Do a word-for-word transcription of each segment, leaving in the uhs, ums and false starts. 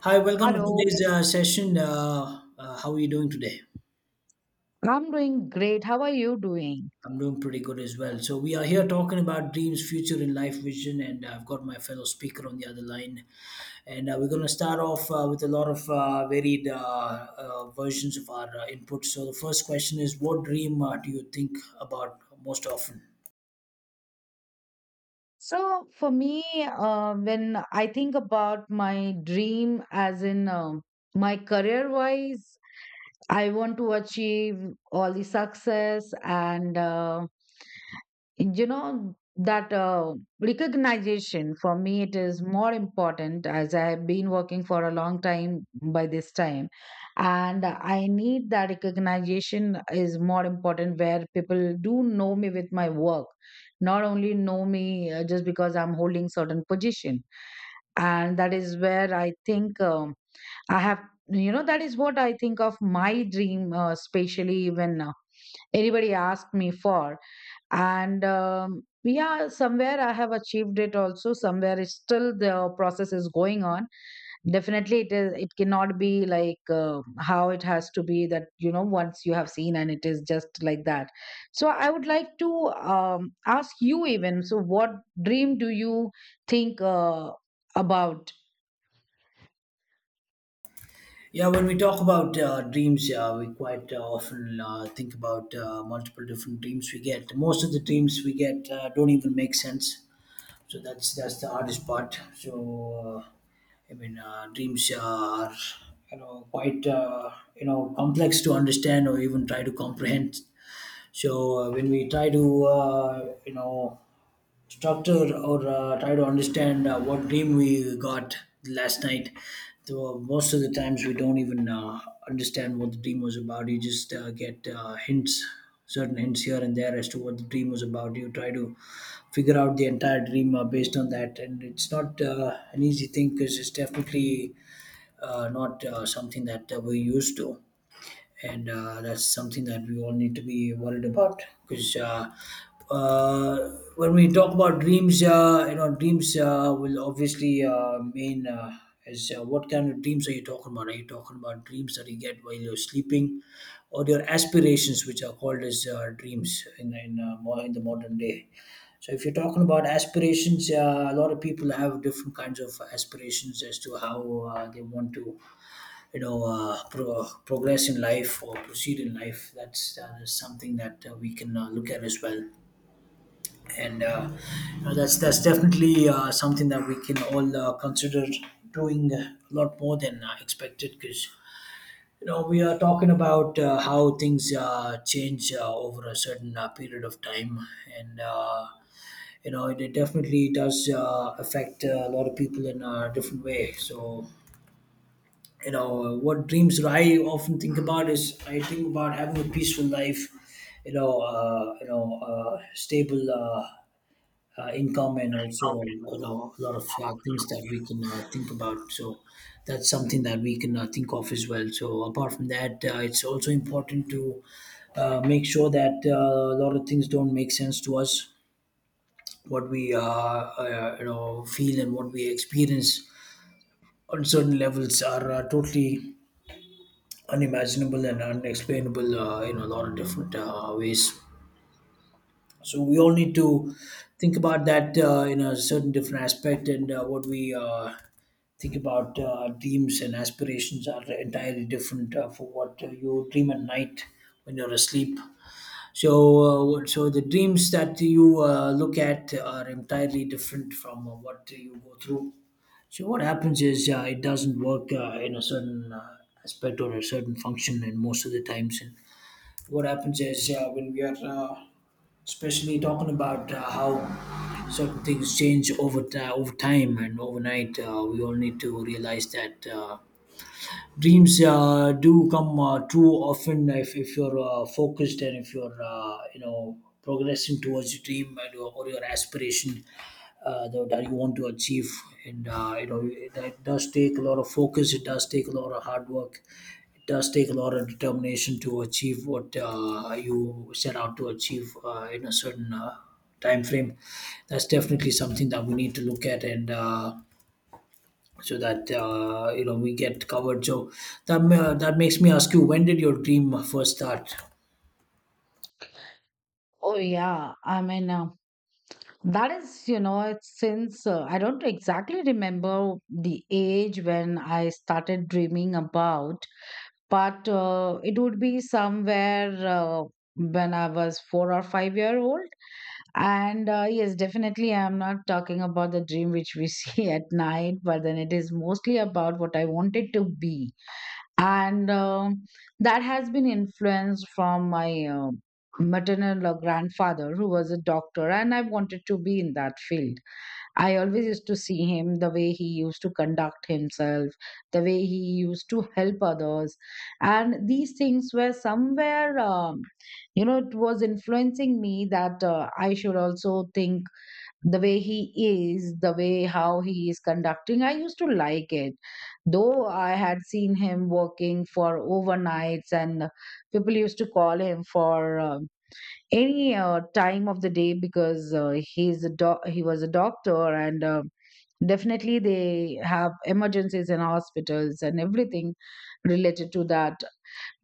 Hi, welcome to Hello, today's uh, session. Uh, uh, how are you doing today? I'm doing great. How are you doing? I'm doing pretty good as well. So, we are here talking about dreams, future, and life vision. And I've got my fellow speaker on the other line. And uh, we're going to start off uh, with a lot of uh, varied uh, uh, versions of our uh, input. So, the first question is, what dream uh, do you think about most often? So, for me, uh, when I think about my dream, as in um my career wise, I want to achieve all the success and uh, you know that uh, recognition. For me it is more important, as I have been working for a long time by this time, and I need that recognition is more important, where people do know me with my work, not only know me uh, just because I'm holding certain position. And that is where I think um, I have you know that is what I think of my dream, uh, especially when uh, anybody asked me for. And um, yeah, somewhere I have achieved it, also somewhere it's still the process is going on. Definitely it is, it cannot be like, uh, how it has to be, that you know once you have seen and it is just like that. So I would like to um, ask you, even so, what dream do you think uh, about? Yeah, when we talk about uh, dreams, uh, we quite uh, often uh, think about uh, multiple different dreams we get. Most of the dreams we get uh, don't even make sense, so that's that's the hardest part. So uh, I mean, uh, dreams are, you know, quite uh, you know, complex to understand or even try to comprehend. So uh, when we try to, uh, you know, structure or uh, try to understand uh, what dream we got last night, so most of the times we don't even uh, understand what the dream was about. You just uh, get uh, hints, certain hints here and there as to what the dream was about. You try to figure out the entire dream uh, based on that, and it's not uh, an easy thing because it's definitely uh, not uh, something that uh, we're used to. And uh, that's something that we all need to be worried about because, uh, uh, when we talk about dreams, uh, you know, dreams uh, will obviously uh, mean, uh, is, uh, what kind of dreams are you talking about? Are you talking about dreams that you get while you're sleeping, or your aspirations, which are called as uh, dreams in in, uh, mo- in the modern day? So if you're talking about aspirations, uh, a lot of people have different kinds of aspirations as to how uh, they want to, you know, uh, pro- progress in life or proceed in life. That's uh, something that uh, we can uh, look at as well, and uh, you know, that's that's definitely uh, something that we can all uh, consider doing a lot more than uh, expected. Because, you know, we are talking about uh, how things uh, change uh, over a certain uh, period of time, and uh, you know, it, it definitely does uh, affect uh, a lot of people in a different way. So you know what dreams that I often think about is I think about having a peaceful life, you know, uh, you know, uh, stable uh, uh, income, and also, you know, a lot of uh, things that we can uh, think about. So that's something that we can uh, think of as well. So apart from that, uh, it's also important to uh, make sure that, uh, a lot of things don't make sense to us. What we uh, uh, you know, feel and what we experience on certain levels are uh, totally unimaginable and unexplainable uh, in a lot of different uh, ways. So we all need to think about that uh, in a certain different aspect. And uh, what we uh, think about, uh, dreams and aspirations are entirely different uh, for what uh, you dream at night when you're asleep. So, uh, so the dreams that you uh, look at are entirely different from uh, what you go through. So what happens is, uh, it doesn't work uh, in a certain uh, aspect or a certain function, and most of the times. And what happens is, uh, when we are, uh, especially talking about uh, how certain things change over ti over time and overnight, uh, we all need to realize that. Uh, Dreams uh, do come uh, true often, if, if you're uh, focused and if you're uh, you know, progressing towards your dream and your, or your aspiration uh, tho- that you want to achieve. And uh, you know, it, it does take a lot of focus. It does take a lot of hard work. It does take a lot of determination to achieve what uh, you set out to achieve uh, in a certain uh, time frame. That's definitely something that we need to look at. And. Uh, so that, uh, you know, we get covered. So that ma- that makes me ask you, when did your dream first start? Oh yeah, I mean, uh, that is, you know, it's since, uh, I don't exactly remember the age when I started dreaming about, but uh, it would be somewhere, uh, when I was four or five year old. And uh, yes, definitely, I'm not talking about the dream which we see at night, but then it is mostly about what I wanted to be. And um, that has been influenced from my uh, maternal or grandfather, who was a doctor, and I wanted to be in that field. I always used to see him, the way he used to conduct himself, the way he used to help others. And these things were somewhere, um, you know, it was influencing me, that uh, I should also think the way he is, the way how he is conducting. I used to like it. Though I had seen him working for overnights, and people used to call him for um any uh, time of the day, because uh, he's a doc- he was a doctor, and uh, definitely they have emergencies in hospitals and everything related to that.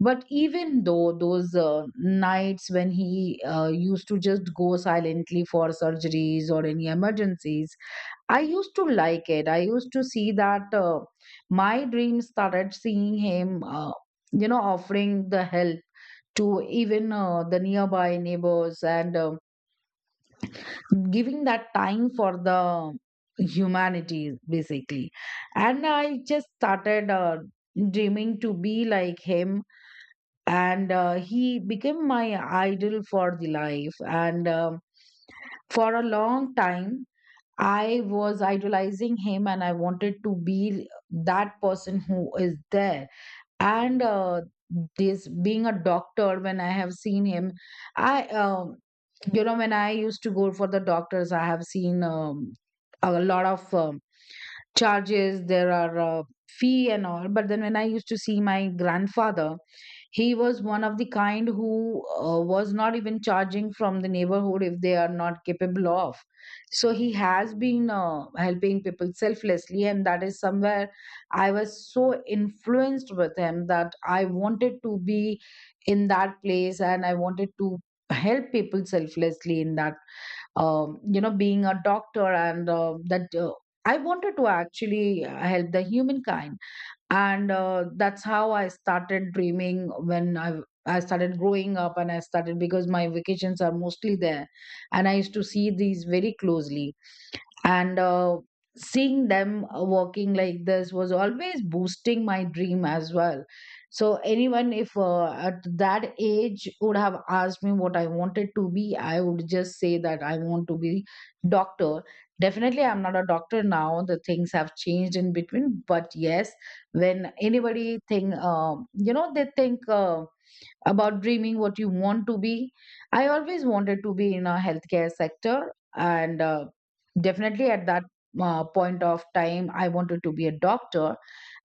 But even though those uh, nights when he uh, used to just go silently for surgeries or any emergencies, I used to like it. I used to see that uh, my dreams started seeing him uh, you know, offering the help to even uh, the nearby neighbors, and uh, giving that time for the humanity, basically. And I just started uh, dreaming to be like him. And uh, he became my idol for the life, and um, for a long time I was idolizing him, and I wanted to be that person who is there. And uh, this being a doctor, when I have seen him, I um, you know when I used to go for the doctors, I have seen um, a lot of um, charges, there are uh, fee and all. But then when I used to see my grandfather, he was one of the kind who uh, was not even charging from the neighborhood if they are not capable of. So he has been uh, helping people selflessly, and that is somewhere I was so influenced with him that I wanted to be in that place, and I wanted to help people selflessly in that, um, you know, being a doctor. And uh, that uh, I wanted to actually uh, help the humankind. And uh, that's how I started dreaming, when i i started growing up. And I started, because my vacations are mostly there, and I used to see these very closely. And uh, seeing them uh, working like this was always boosting my dream as well. So anyone, if uh, at that age would have asked me what I wanted to be, I would just say that I want to be doctor. Definitely I'm not a doctor now, the things have changed in between. But yes, when anybody think, um you know they think uh, about dreaming what you want to be. I always wanted to be in a healthcare sector, and uh, definitely at that uh, point of time, I wanted to be a doctor.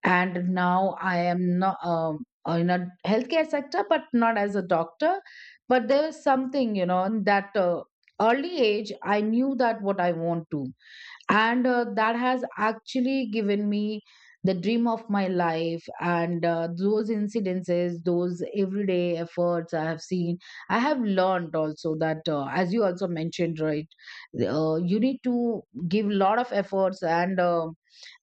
And now I am not, um, uh, in a healthcare sector, but not as a doctor. But there is something, you know, in that uh, early age, I knew that what I want to. And uh, that has actually given me the dream of my life. And uh, those incidences, those everyday efforts I have seen, I have learned also that, uh, as you also mentioned, right, uh, you need to give lot of efforts. And uh,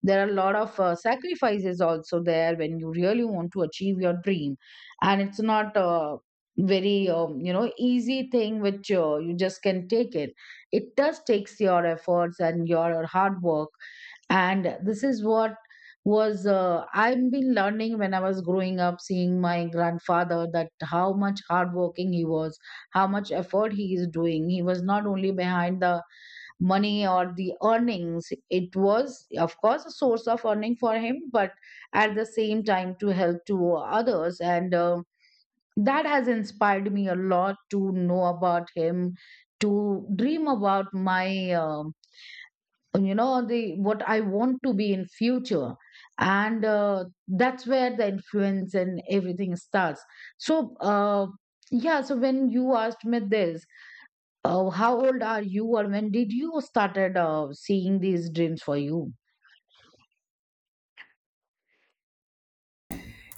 there are a lot of uh, sacrifices also there, when you really want to achieve your dream. And it's not a very, um, you know, easy thing, which uh, you just can take it. It does takes your efforts and your hard work. And this is what was, uh, I've been learning when I was growing up, seeing my grandfather, that how much hardworking he was, how much effort he is doing. He was not only behind the money or the earnings. It was of course a source of earning for him, but at the same time to help to others. And uh, that has inspired me a lot to know about him, to dream about my, um you know the what I want to be in future. And uh, that's where the influence and everything starts. So uh, yeah, so when you asked me this. Oh, how old are you, or when did you started uh, seeing these dreams for you?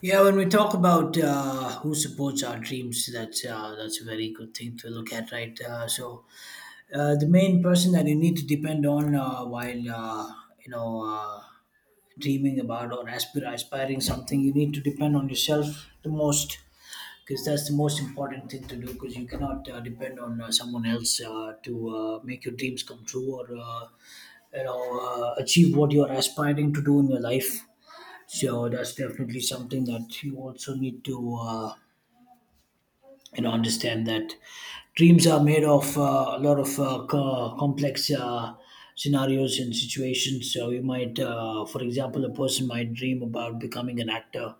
Yeah, when we talk about uh, who supports our dreams, that's uh, that's a very good thing to look at, right? Uh, so uh, the main person that you need to depend on uh, while, uh, you know. Uh, dreaming about or aspir- aspiring something, you need to depend on yourself the most, because that's the most important thing to do, because you cannot uh, depend on uh, someone else uh, to uh, make your dreams come true, or uh, you know, uh, achieve what you're aspiring to do in your life. So that's definitely something that you also need to uh, you know, understand that dreams are made of uh, a lot of uh, co- complex uh, scenarios and situations. So you might, uh, for example, a person might dream about becoming an actor,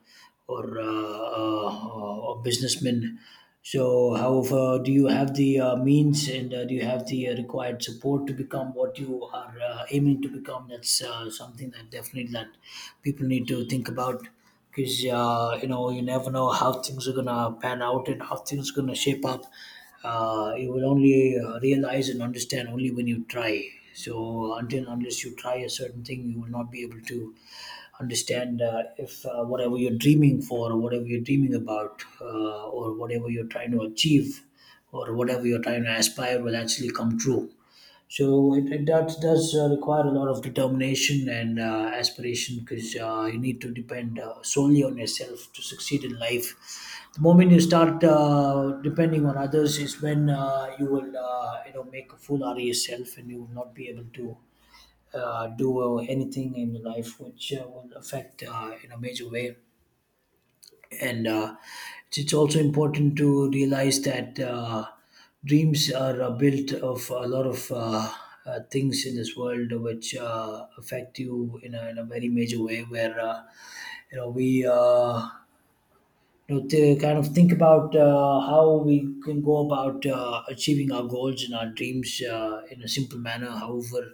or uh, uh, a businessman. So however, do you have the uh, means, and uh, do you have the uh, required support to become what you are uh, aiming to become? That's uh, something that definitely that people need to think about, because uh, you know, you never know how things are gonna pan out and how things are gonna shape up. Uh, you will only uh, realize and understand only when you try. So until and unless you try a certain thing, you will not be able to understand uh, if uh, whatever you're dreaming for, or whatever you're dreaming about, uh, or whatever you're trying to achieve, or whatever you're trying to aspire will actually come true. So it, it does, does uh, require a lot of determination and uh, aspiration, because uh, you need to depend uh, solely on yourself to succeed in life. The moment you start uh, depending on others is when uh, you will uh, you know, make a fool out of yourself and you will not be able to uh, do uh, anything in your life which uh, will affect uh, in a major way. And uh, it's it's also important to realize that, uh, dreams are uh, built of a lot of uh, uh, things in this world which uh, affect you in a, in a very major way, where uh, you know, we, uh, you know, to kind of think about uh, how we can go about uh, achieving our goals and our dreams uh, in a simple manner. However,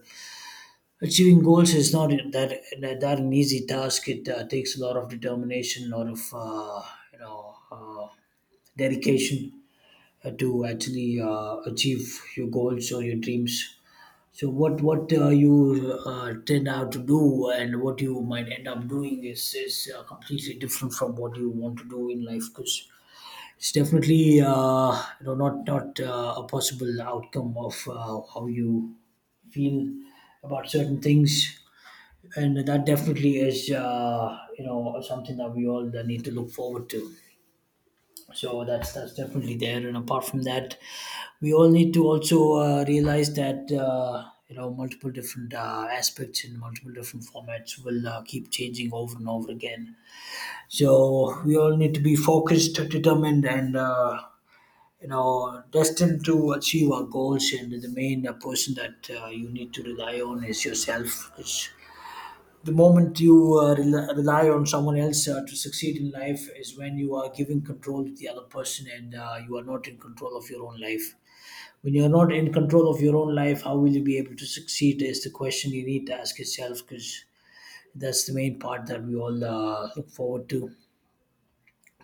achieving goals is not that that, that an easy task. It uh, takes a lot of determination, a lot of uh, you know, uh, dedication uh, to actually uh, achieve your goals or your dreams. So what what uh, you uh, tend out to do and what you might end up doing is is uh, completely different from what you want to do in life, because it's definitely uh, you know, not not uh, a possible outcome of uh, how you feel about certain things. And that definitely is uh, you know, something that we all need to look forward to. So that's that's definitely there. And apart from that, we all need to also uh, realize that, uh, you know, multiple different uh, aspects in multiple different formats will uh, keep changing over and over again. So we all need to be focused, determined, and uh, you know, destined to achieve our goals. And the main uh, person that uh, you need to rely on is yourself. 'Cause the moment you uh, rel- rely on someone else uh, to succeed in life is when you are giving control to the other person, and uh, you are not in control of your own life. When you're not in control of your own life, how will you be able to succeed? Is the question you need to ask yourself, because that's the main part that we all uh, look forward to.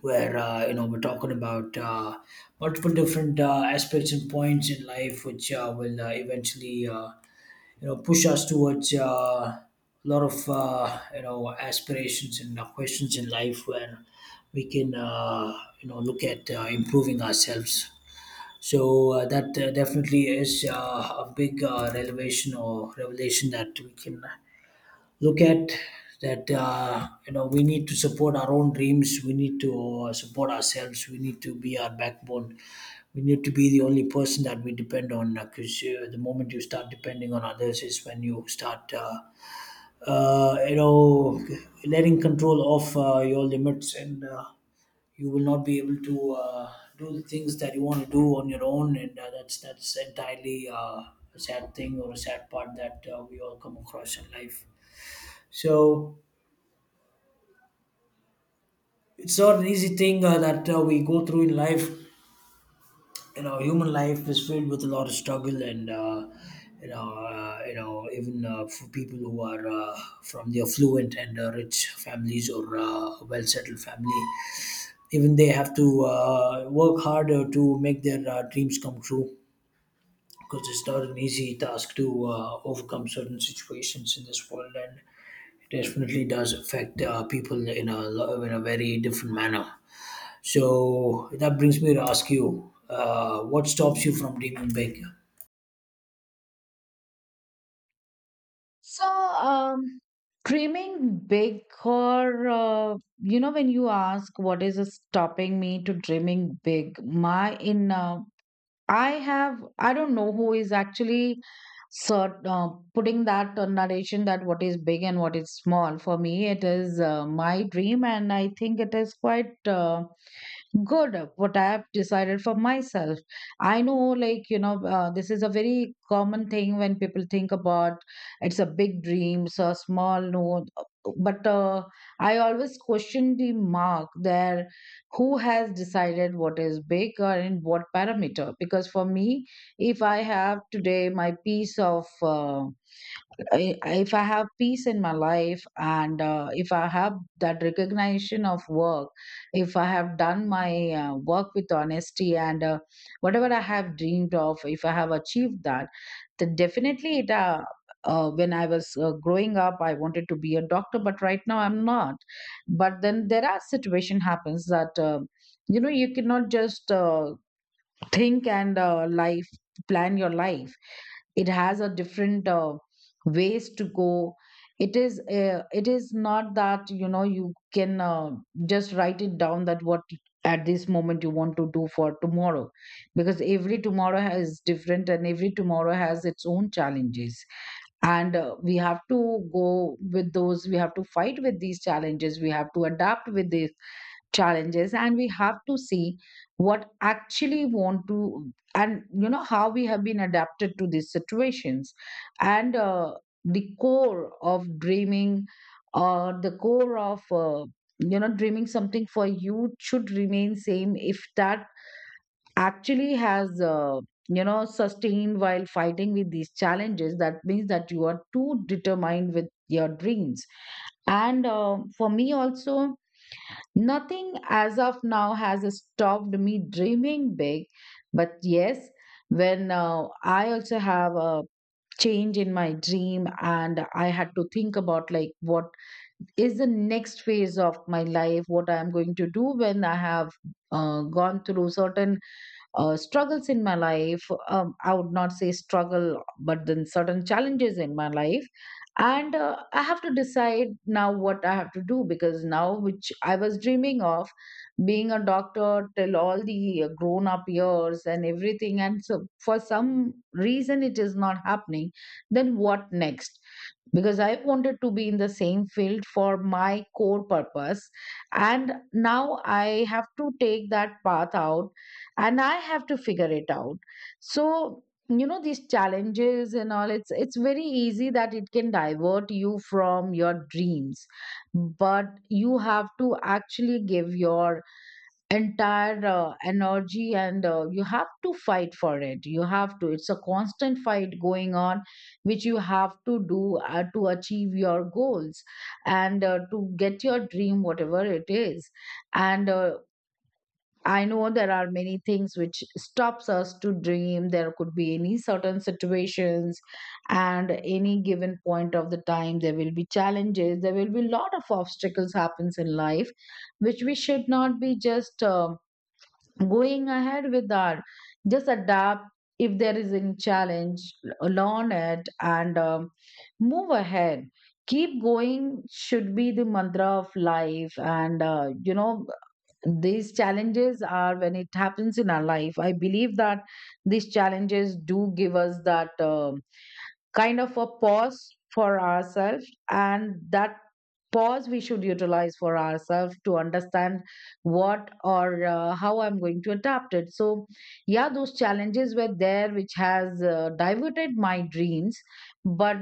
Where uh, you know we're talking about uh, multiple different uh, aspects and points in life, which uh, will uh, eventually, uh, you know push us towards uh, a lot of uh, you know aspirations and uh, questions in life where we can uh, you know look at uh, improving ourselves. So uh, that uh, definitely is uh, a big uh, revelation or revelation that we can look at, that uh, you know we need to support our own dreams, we need to uh, support ourselves, we need to be our backbone, we need to be the only person that we depend on, because uh, the moment you start depending on others is when you start uh, uh, you know letting control off uh, your limits, and uh, you will not be able to uh, do the things that you want to do on your own. And uh, that's that's entirely uh, a sad thing or a sad part that uh, we all come across in life. So it's not an easy thing uh, that uh, we go through in life. You know, human life is filled with a lot of struggle, and uh, you know, uh, you know, even uh, for people who are uh, from the affluent and uh, rich families or uh, well-settled family, even they have to uh, work harder to make their uh, dreams come true. Because it's not an easy task to uh, overcome certain situations in this world, and it definitely does affect uh, people in a lo- in a very different manner. So that brings me to ask you, uh, what stops you from dreaming big? So, um, dreaming big, or uh, you know, when you ask what is stopping me to dreaming big, my in uh, I have, I don't know who is actually. So, uh, putting that uh, narration, that what is big and what is small, for me, it is uh, my dream, and I think it is quite. Uh, good what I have decided for myself. I know, like, you know, uh, this is a very common thing when people think about, it's a big dream so a small, no. But uh, I always question the mark there, who has decided what is big, or in what parameter. Because for me, if I have today my piece of, uh, I, if I have peace in my life, and uh, if I have that recognition of work, if I have done my uh, work with honesty, and uh, whatever I have dreamed of, if I have achieved that, then definitely it. Uh, uh, when I was uh, growing up, I wanted to be a doctor, but right now I'm not. But then there are situation happens that, uh, you know, you cannot just. Uh, think and uh, life, plan your life. It has a different uh, ways to go. It is uh, it is not that you know you can uh, just write it down, that what at this moment you want to do for tomorrow. Because every tomorrow is different and every tomorrow has its own challenges. And uh, we have to go with those, we have to fight with these challenges, we have to adapt with this challenges. And we have to see what actually want to, and you know how we have been adapted to these situations. And uh, the core of dreaming, or the core of, uh, you know, dreaming something for you should remain same. If that actually has, uh, you know, sustained while fighting with these challenges, that means that you are too determined with your dreams. And uh, for me also, nothing as of now has stopped me dreaming big. But yes, when uh, I also have a change in my dream, and I had to think about like, what is the next phase of my life, what I am going to do, when I have uh, gone through certain uh, struggles in my life. Um, I would not say struggle, but then certain challenges in my life. And uh, I have to decide now what I have to do, because now, which I was dreaming of being a doctor till all the uh, grown up years and everything, and so for some reason it is not happening, then what next? Because I wanted to be in the same field for my core purpose, and now I have to take that path out, and I have to figure it out. So you know, these challenges and all, it's it's very easy that it can divert you from your dreams. But you have to actually give your entire uh, energy, and uh, you have to fight for it, you have to it's a constant fight going on, which you have to do uh, to achieve your goals, and uh, to get your dream, whatever it is. And uh, I know there are many things which stops us to dream. There could be any certain situations, and any given point of the time there will be challenges. There will be a lot of obstacles happens in life which we should not be just um going ahead with that. Just adapt. If there is any challenge, learn it, and um, move ahead. Keep going should be the mantra of life. And uh, you know these challenges, are when it happens in our life, I believe that these challenges do give us that uh, kind of a pause for ourselves, and that pause we should utilize for ourselves to understand what, or uh, how I'm going to adapt it. So yeah, those challenges were there which has uh, diverted my dreams. But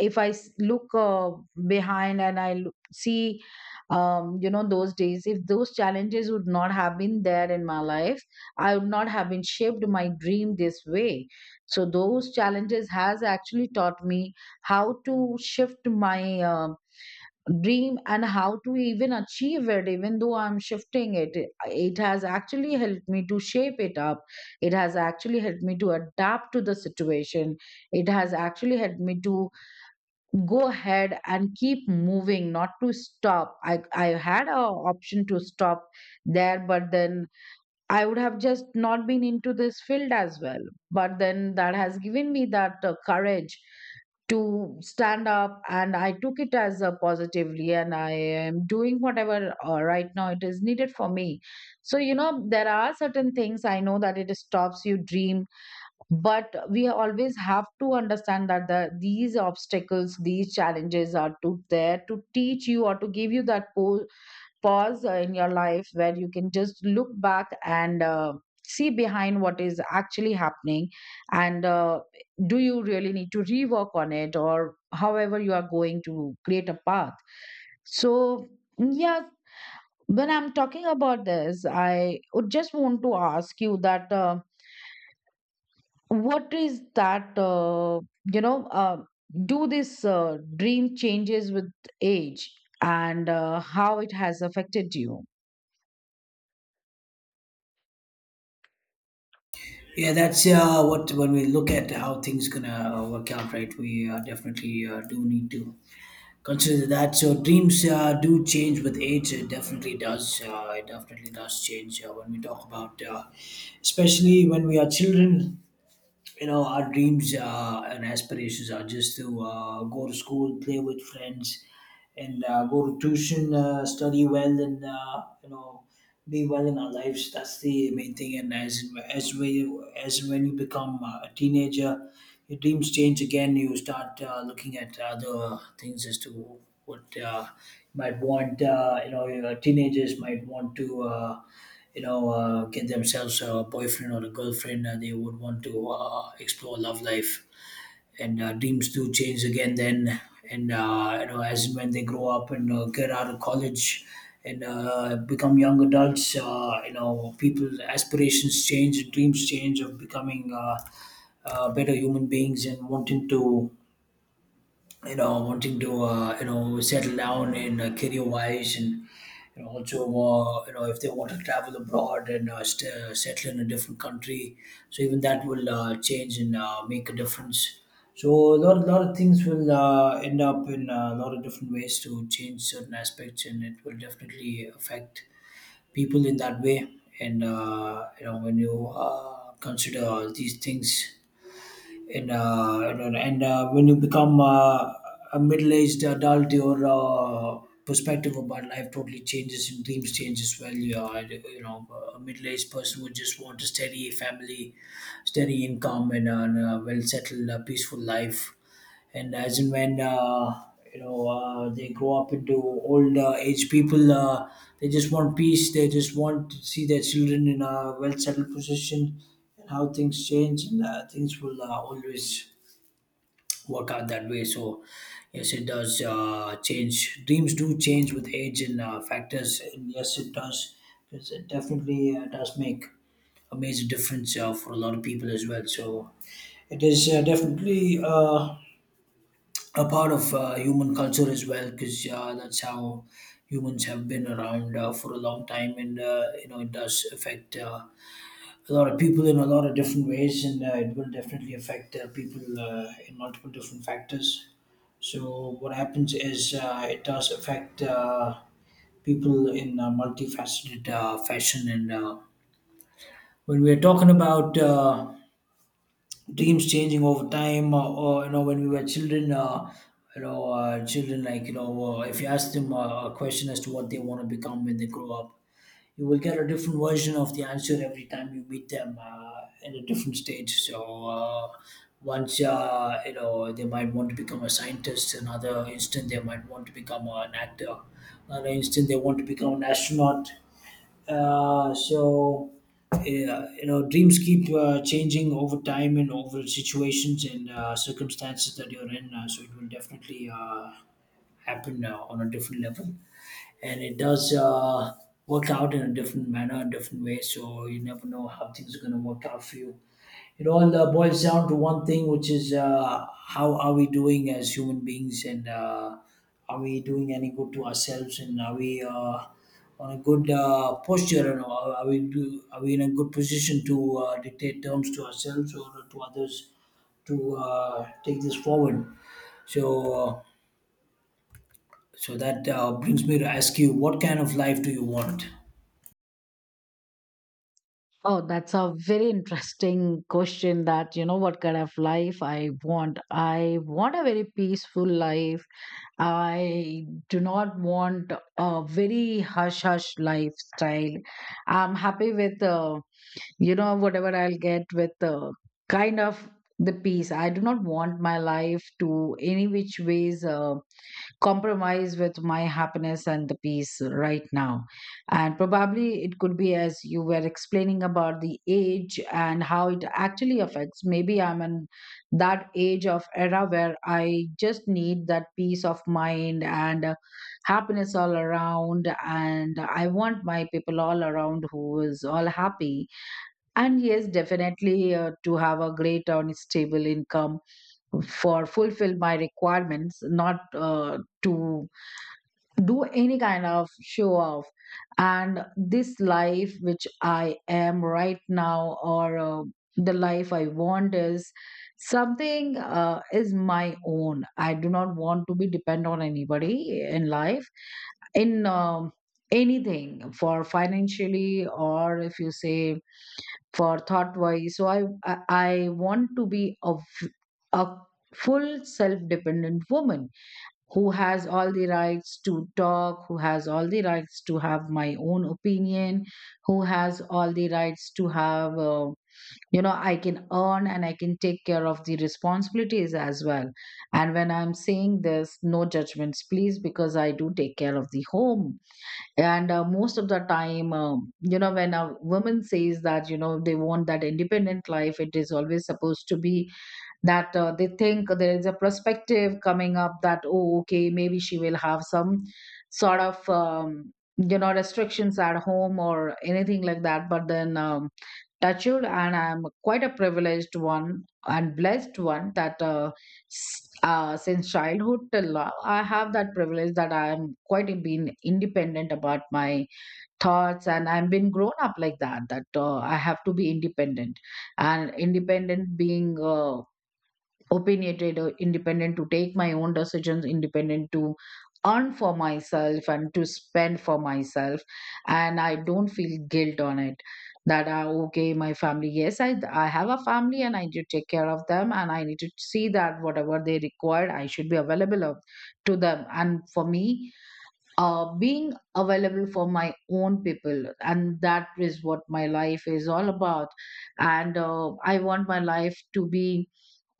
if i s- look uh, behind and i l- see, um, you know, those days, if those challenges would not have been there in my life, I would not have been shaped my dream this way. So those challenges has actually taught me how to shift my uh, dream, and how to even achieve it. Even though I'm shifting it, it has actually helped me to shape it up. It has actually helped me to adapt to the situation. It has actually helped me to go ahead and keep moving, not to stop. I i had a option to stop there, but then I would have just not been into this field as well. But then that has given me that uh, courage to stand up, and I took it as a positively, and I am doing whatever uh, right now it is needed for me. So, you know, there are certain things I know that it stops you dream, but we always have to understand that the, these obstacles, these challenges are to there to teach you, or to give you that po pause uh, in your life, where you can just look back and uh, see behind what is actually happening, and uh, do you really need to rework on it, or however you are going to create a path. So yeah, when I'm talking about this, I would just want to ask you that, uh, what is that, uh, you know uh, do this uh, dream changes with age, and uh, how it has affected you? Yeah, that's uh, what when we look at how things gonna uh, work out, right? We uh, definitely uh, do need to consider that. So dreams uh, do change with age. It definitely does. Uh, it definitely does change uh, when we talk about, uh, especially when we are children. You know, our dreams uh, and aspirations are just to uh, go to school, play with friends, and uh, go to tuition, uh, study well, and uh, you know be well in our lives. That's the main thing. And as as we as when you become uh, a teenager, your dreams change again. You start uh, looking at other things as to what uh, you might want. Uh, you know your teenagers might want to uh, you know uh, get themselves a boyfriend or a girlfriend, and they would want to uh, explore love life, and uh, dreams do change again then. And uh, you know as and when they grow up and uh, get out of college and uh, become young adults, uh, you know people aspirations change and dreams change of becoming uh, uh, better human beings, and wanting to, you know wanting to uh, you know settle down in uh, career wise, and you know, also uh, you know if they want to travel abroad and uh, st- uh, settle in a different country. So even that will uh, change and uh, make a difference. So a lot, lot of things will uh, end up in uh, a lot of different ways to change certain aspects, and it will definitely affect people in that way. And uh, you know when you uh, consider all these things, and uh, you know, and uh, when you become uh, a middle-aged adult, your uh, perspective about life totally changes and dreams change as well. You, are, you know, A middle-aged person would just want a steady family, steady income, and a uh, well-settled, uh, peaceful life. And as and when uh, you know uh, they grow up into old uh, age people, uh, they just want peace. They just want to see their children in a well settled position. And how things change and uh, things will uh, always work out that way. So yes, it does uh, change. Dreams do change with age and uh, factors, and yes, it does, because it definitely uh, does make a major difference uh, for a lot of people as well. So it is uh, definitely. Uh, a part of uh, human culture as well, because uh, that's how humans have been around uh, for a long time, and uh, you know it does affect uh, a lot of people in a lot of different ways, and uh, it will definitely affect uh, people uh, in multiple different factors. So what happens is, uh, it does affect uh, people in a multifaceted uh, fashion. And uh, when we're talking about uh, dreams changing over time, uh, or you know when we were children, uh, you know uh, children, like you know uh, if you ask them uh, a question as to what they want to become when they grow up, you will get a different version of the answer every time you meet them uh, in a different stage. So uh, once uh, you know they might want to become a scientist, another instant they might want to become an actor, another instant they want to become an astronaut. Uh, so yeah, you know, dreams keep uh, changing over time and over situations and uh, circumstances that you're in. Uh, so it will definitely uh, happen uh, on a different level, and it does uh, work out in a different manner, a different way. So you never know how things are going to work out for you. It all uh, boils down to one thing, which is uh, how are we doing as human beings, and uh, are we doing any good to ourselves, and are we uh, on a good uh, posture, and are are we do, are we in a good position to uh, dictate terms to ourselves or to others to uh, take this forward? So, uh, so that uh, brings me to ask you, what kind of life do you want? Oh, that's a very interesting question, that, you know, what kind of life I want. I want a very peaceful life. I do not want a very hush hush lifestyle. I'm happy with, uh, you know, whatever I'll get with, uh, kind of, the peace. I do not want my life to any which ways Uh, compromise with my happiness and the peace right now. And probably it could be as you were explaining about the age and how it actually affects. Maybe I'm in that age of era where I just need that peace of mind and uh, happiness all around. And I want my people all around who is all happy. And yes, definitely uh, to have a great and stable income for fulfill my requirements, not uh, to do any kind of show off. And this life which I am right now, or uh, the life I want is something uh, is my own. I do not want to be dependent on anybody in life in um, anything, for financially, or if you say for thought wise. So i i I want to be a, f- a full self dependent woman, who has all the rights to talk, who has all the rights to have my own opinion, who has all the rights to have, uh, you know, I can earn and I can take care of the responsibilities as well. And when I'm saying this, no judgments, please, because I do take care of the home. And uh, most of the time, um, you know, when a woman says that, you know, they want that independent life, it is always supposed to be that uh, they think there is a perspective coming up that, oh okay, maybe she will have some sort of um, you know, restrictions at home or anything like that. But then um, touched, and I'm quite a privileged one and blessed one that, uh, s- uh, since childhood till now, I have that privilege that I'm quite been independent about my thoughts, and I've been grown up like that, that uh, I have to be independent. And independent being uh, opinionated, or independent to take my own decisions, independent to earn for myself and to spend for myself. And I don't feel guilt on it, that are okay, my family, yes, i i have a family, and I need to take care of them, and I need to see that whatever they required, I should be available of, to them. And for me, uh, being available for my own people, and that is what my life is all about. And uh, I want my life to be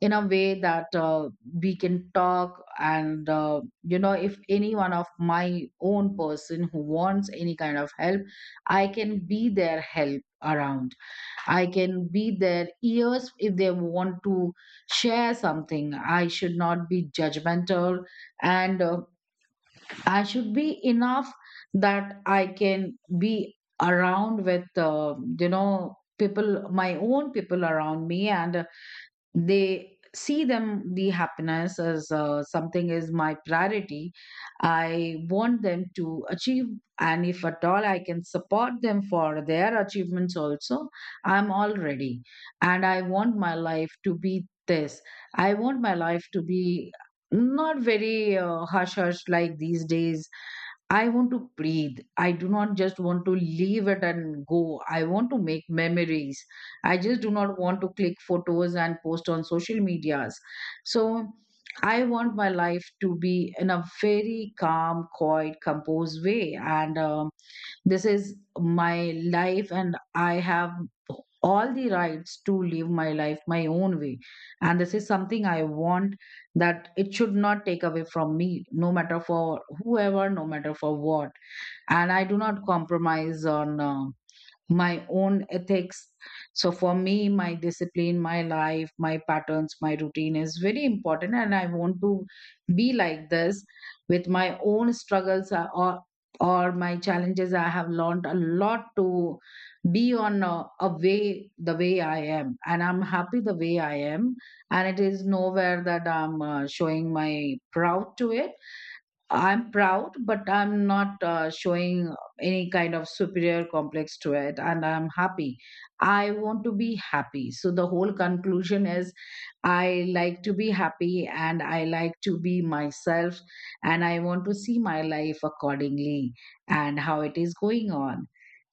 in a way that, uh, we can talk and, uh, you know, if any one of my own person who wants any kind of help, I can be their help around. I can be their ears. If they want to share something, I should not be judgmental. And uh, I should be enough that I can be around with, uh, you know, people, my own people around me, and uh, they see them, the happiness as uh, something is my priority. I want them to achieve, and if at all I can support them for their achievements also, I'm all ready. And I want my life to be this. I want my life to be not very uh, hush hush like these days. I want to breathe. I do not just want to leave it and go. I want to make memories. I just do not want to click photos and post on social medias. So I want my life to be in a very calm, quiet, composed way. And um, this is my life, and I have all the rights to live my life my own way. And this is something I want, that it should not take away from me, no matter for whoever, no matter for what. And I do not compromise on Uh, my own ethics. So for me, my discipline, my life, my patterns, my routine is very important, and I want to be like this with my own struggles, uh, or or my challenges. I have learned a lot to be on a, a way, the way I am, and I'm happy the way I am. And it is nowhere that I'm uh, showing my proud to it. I'm proud, but I'm not uh, showing any kind of superior complex to it. And I'm happy. I want to be happy. So the whole conclusion is I like to be happy, and I like to be myself. And I want to see my life accordingly, and how it is going on.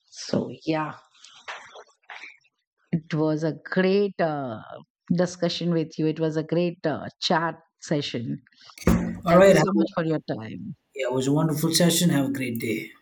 So, yeah, it was a great uh, discussion with you. It was a great uh, chat session. All Thank you right. Have, so much for your time. yeah, it was a wonderful session. Have a great day.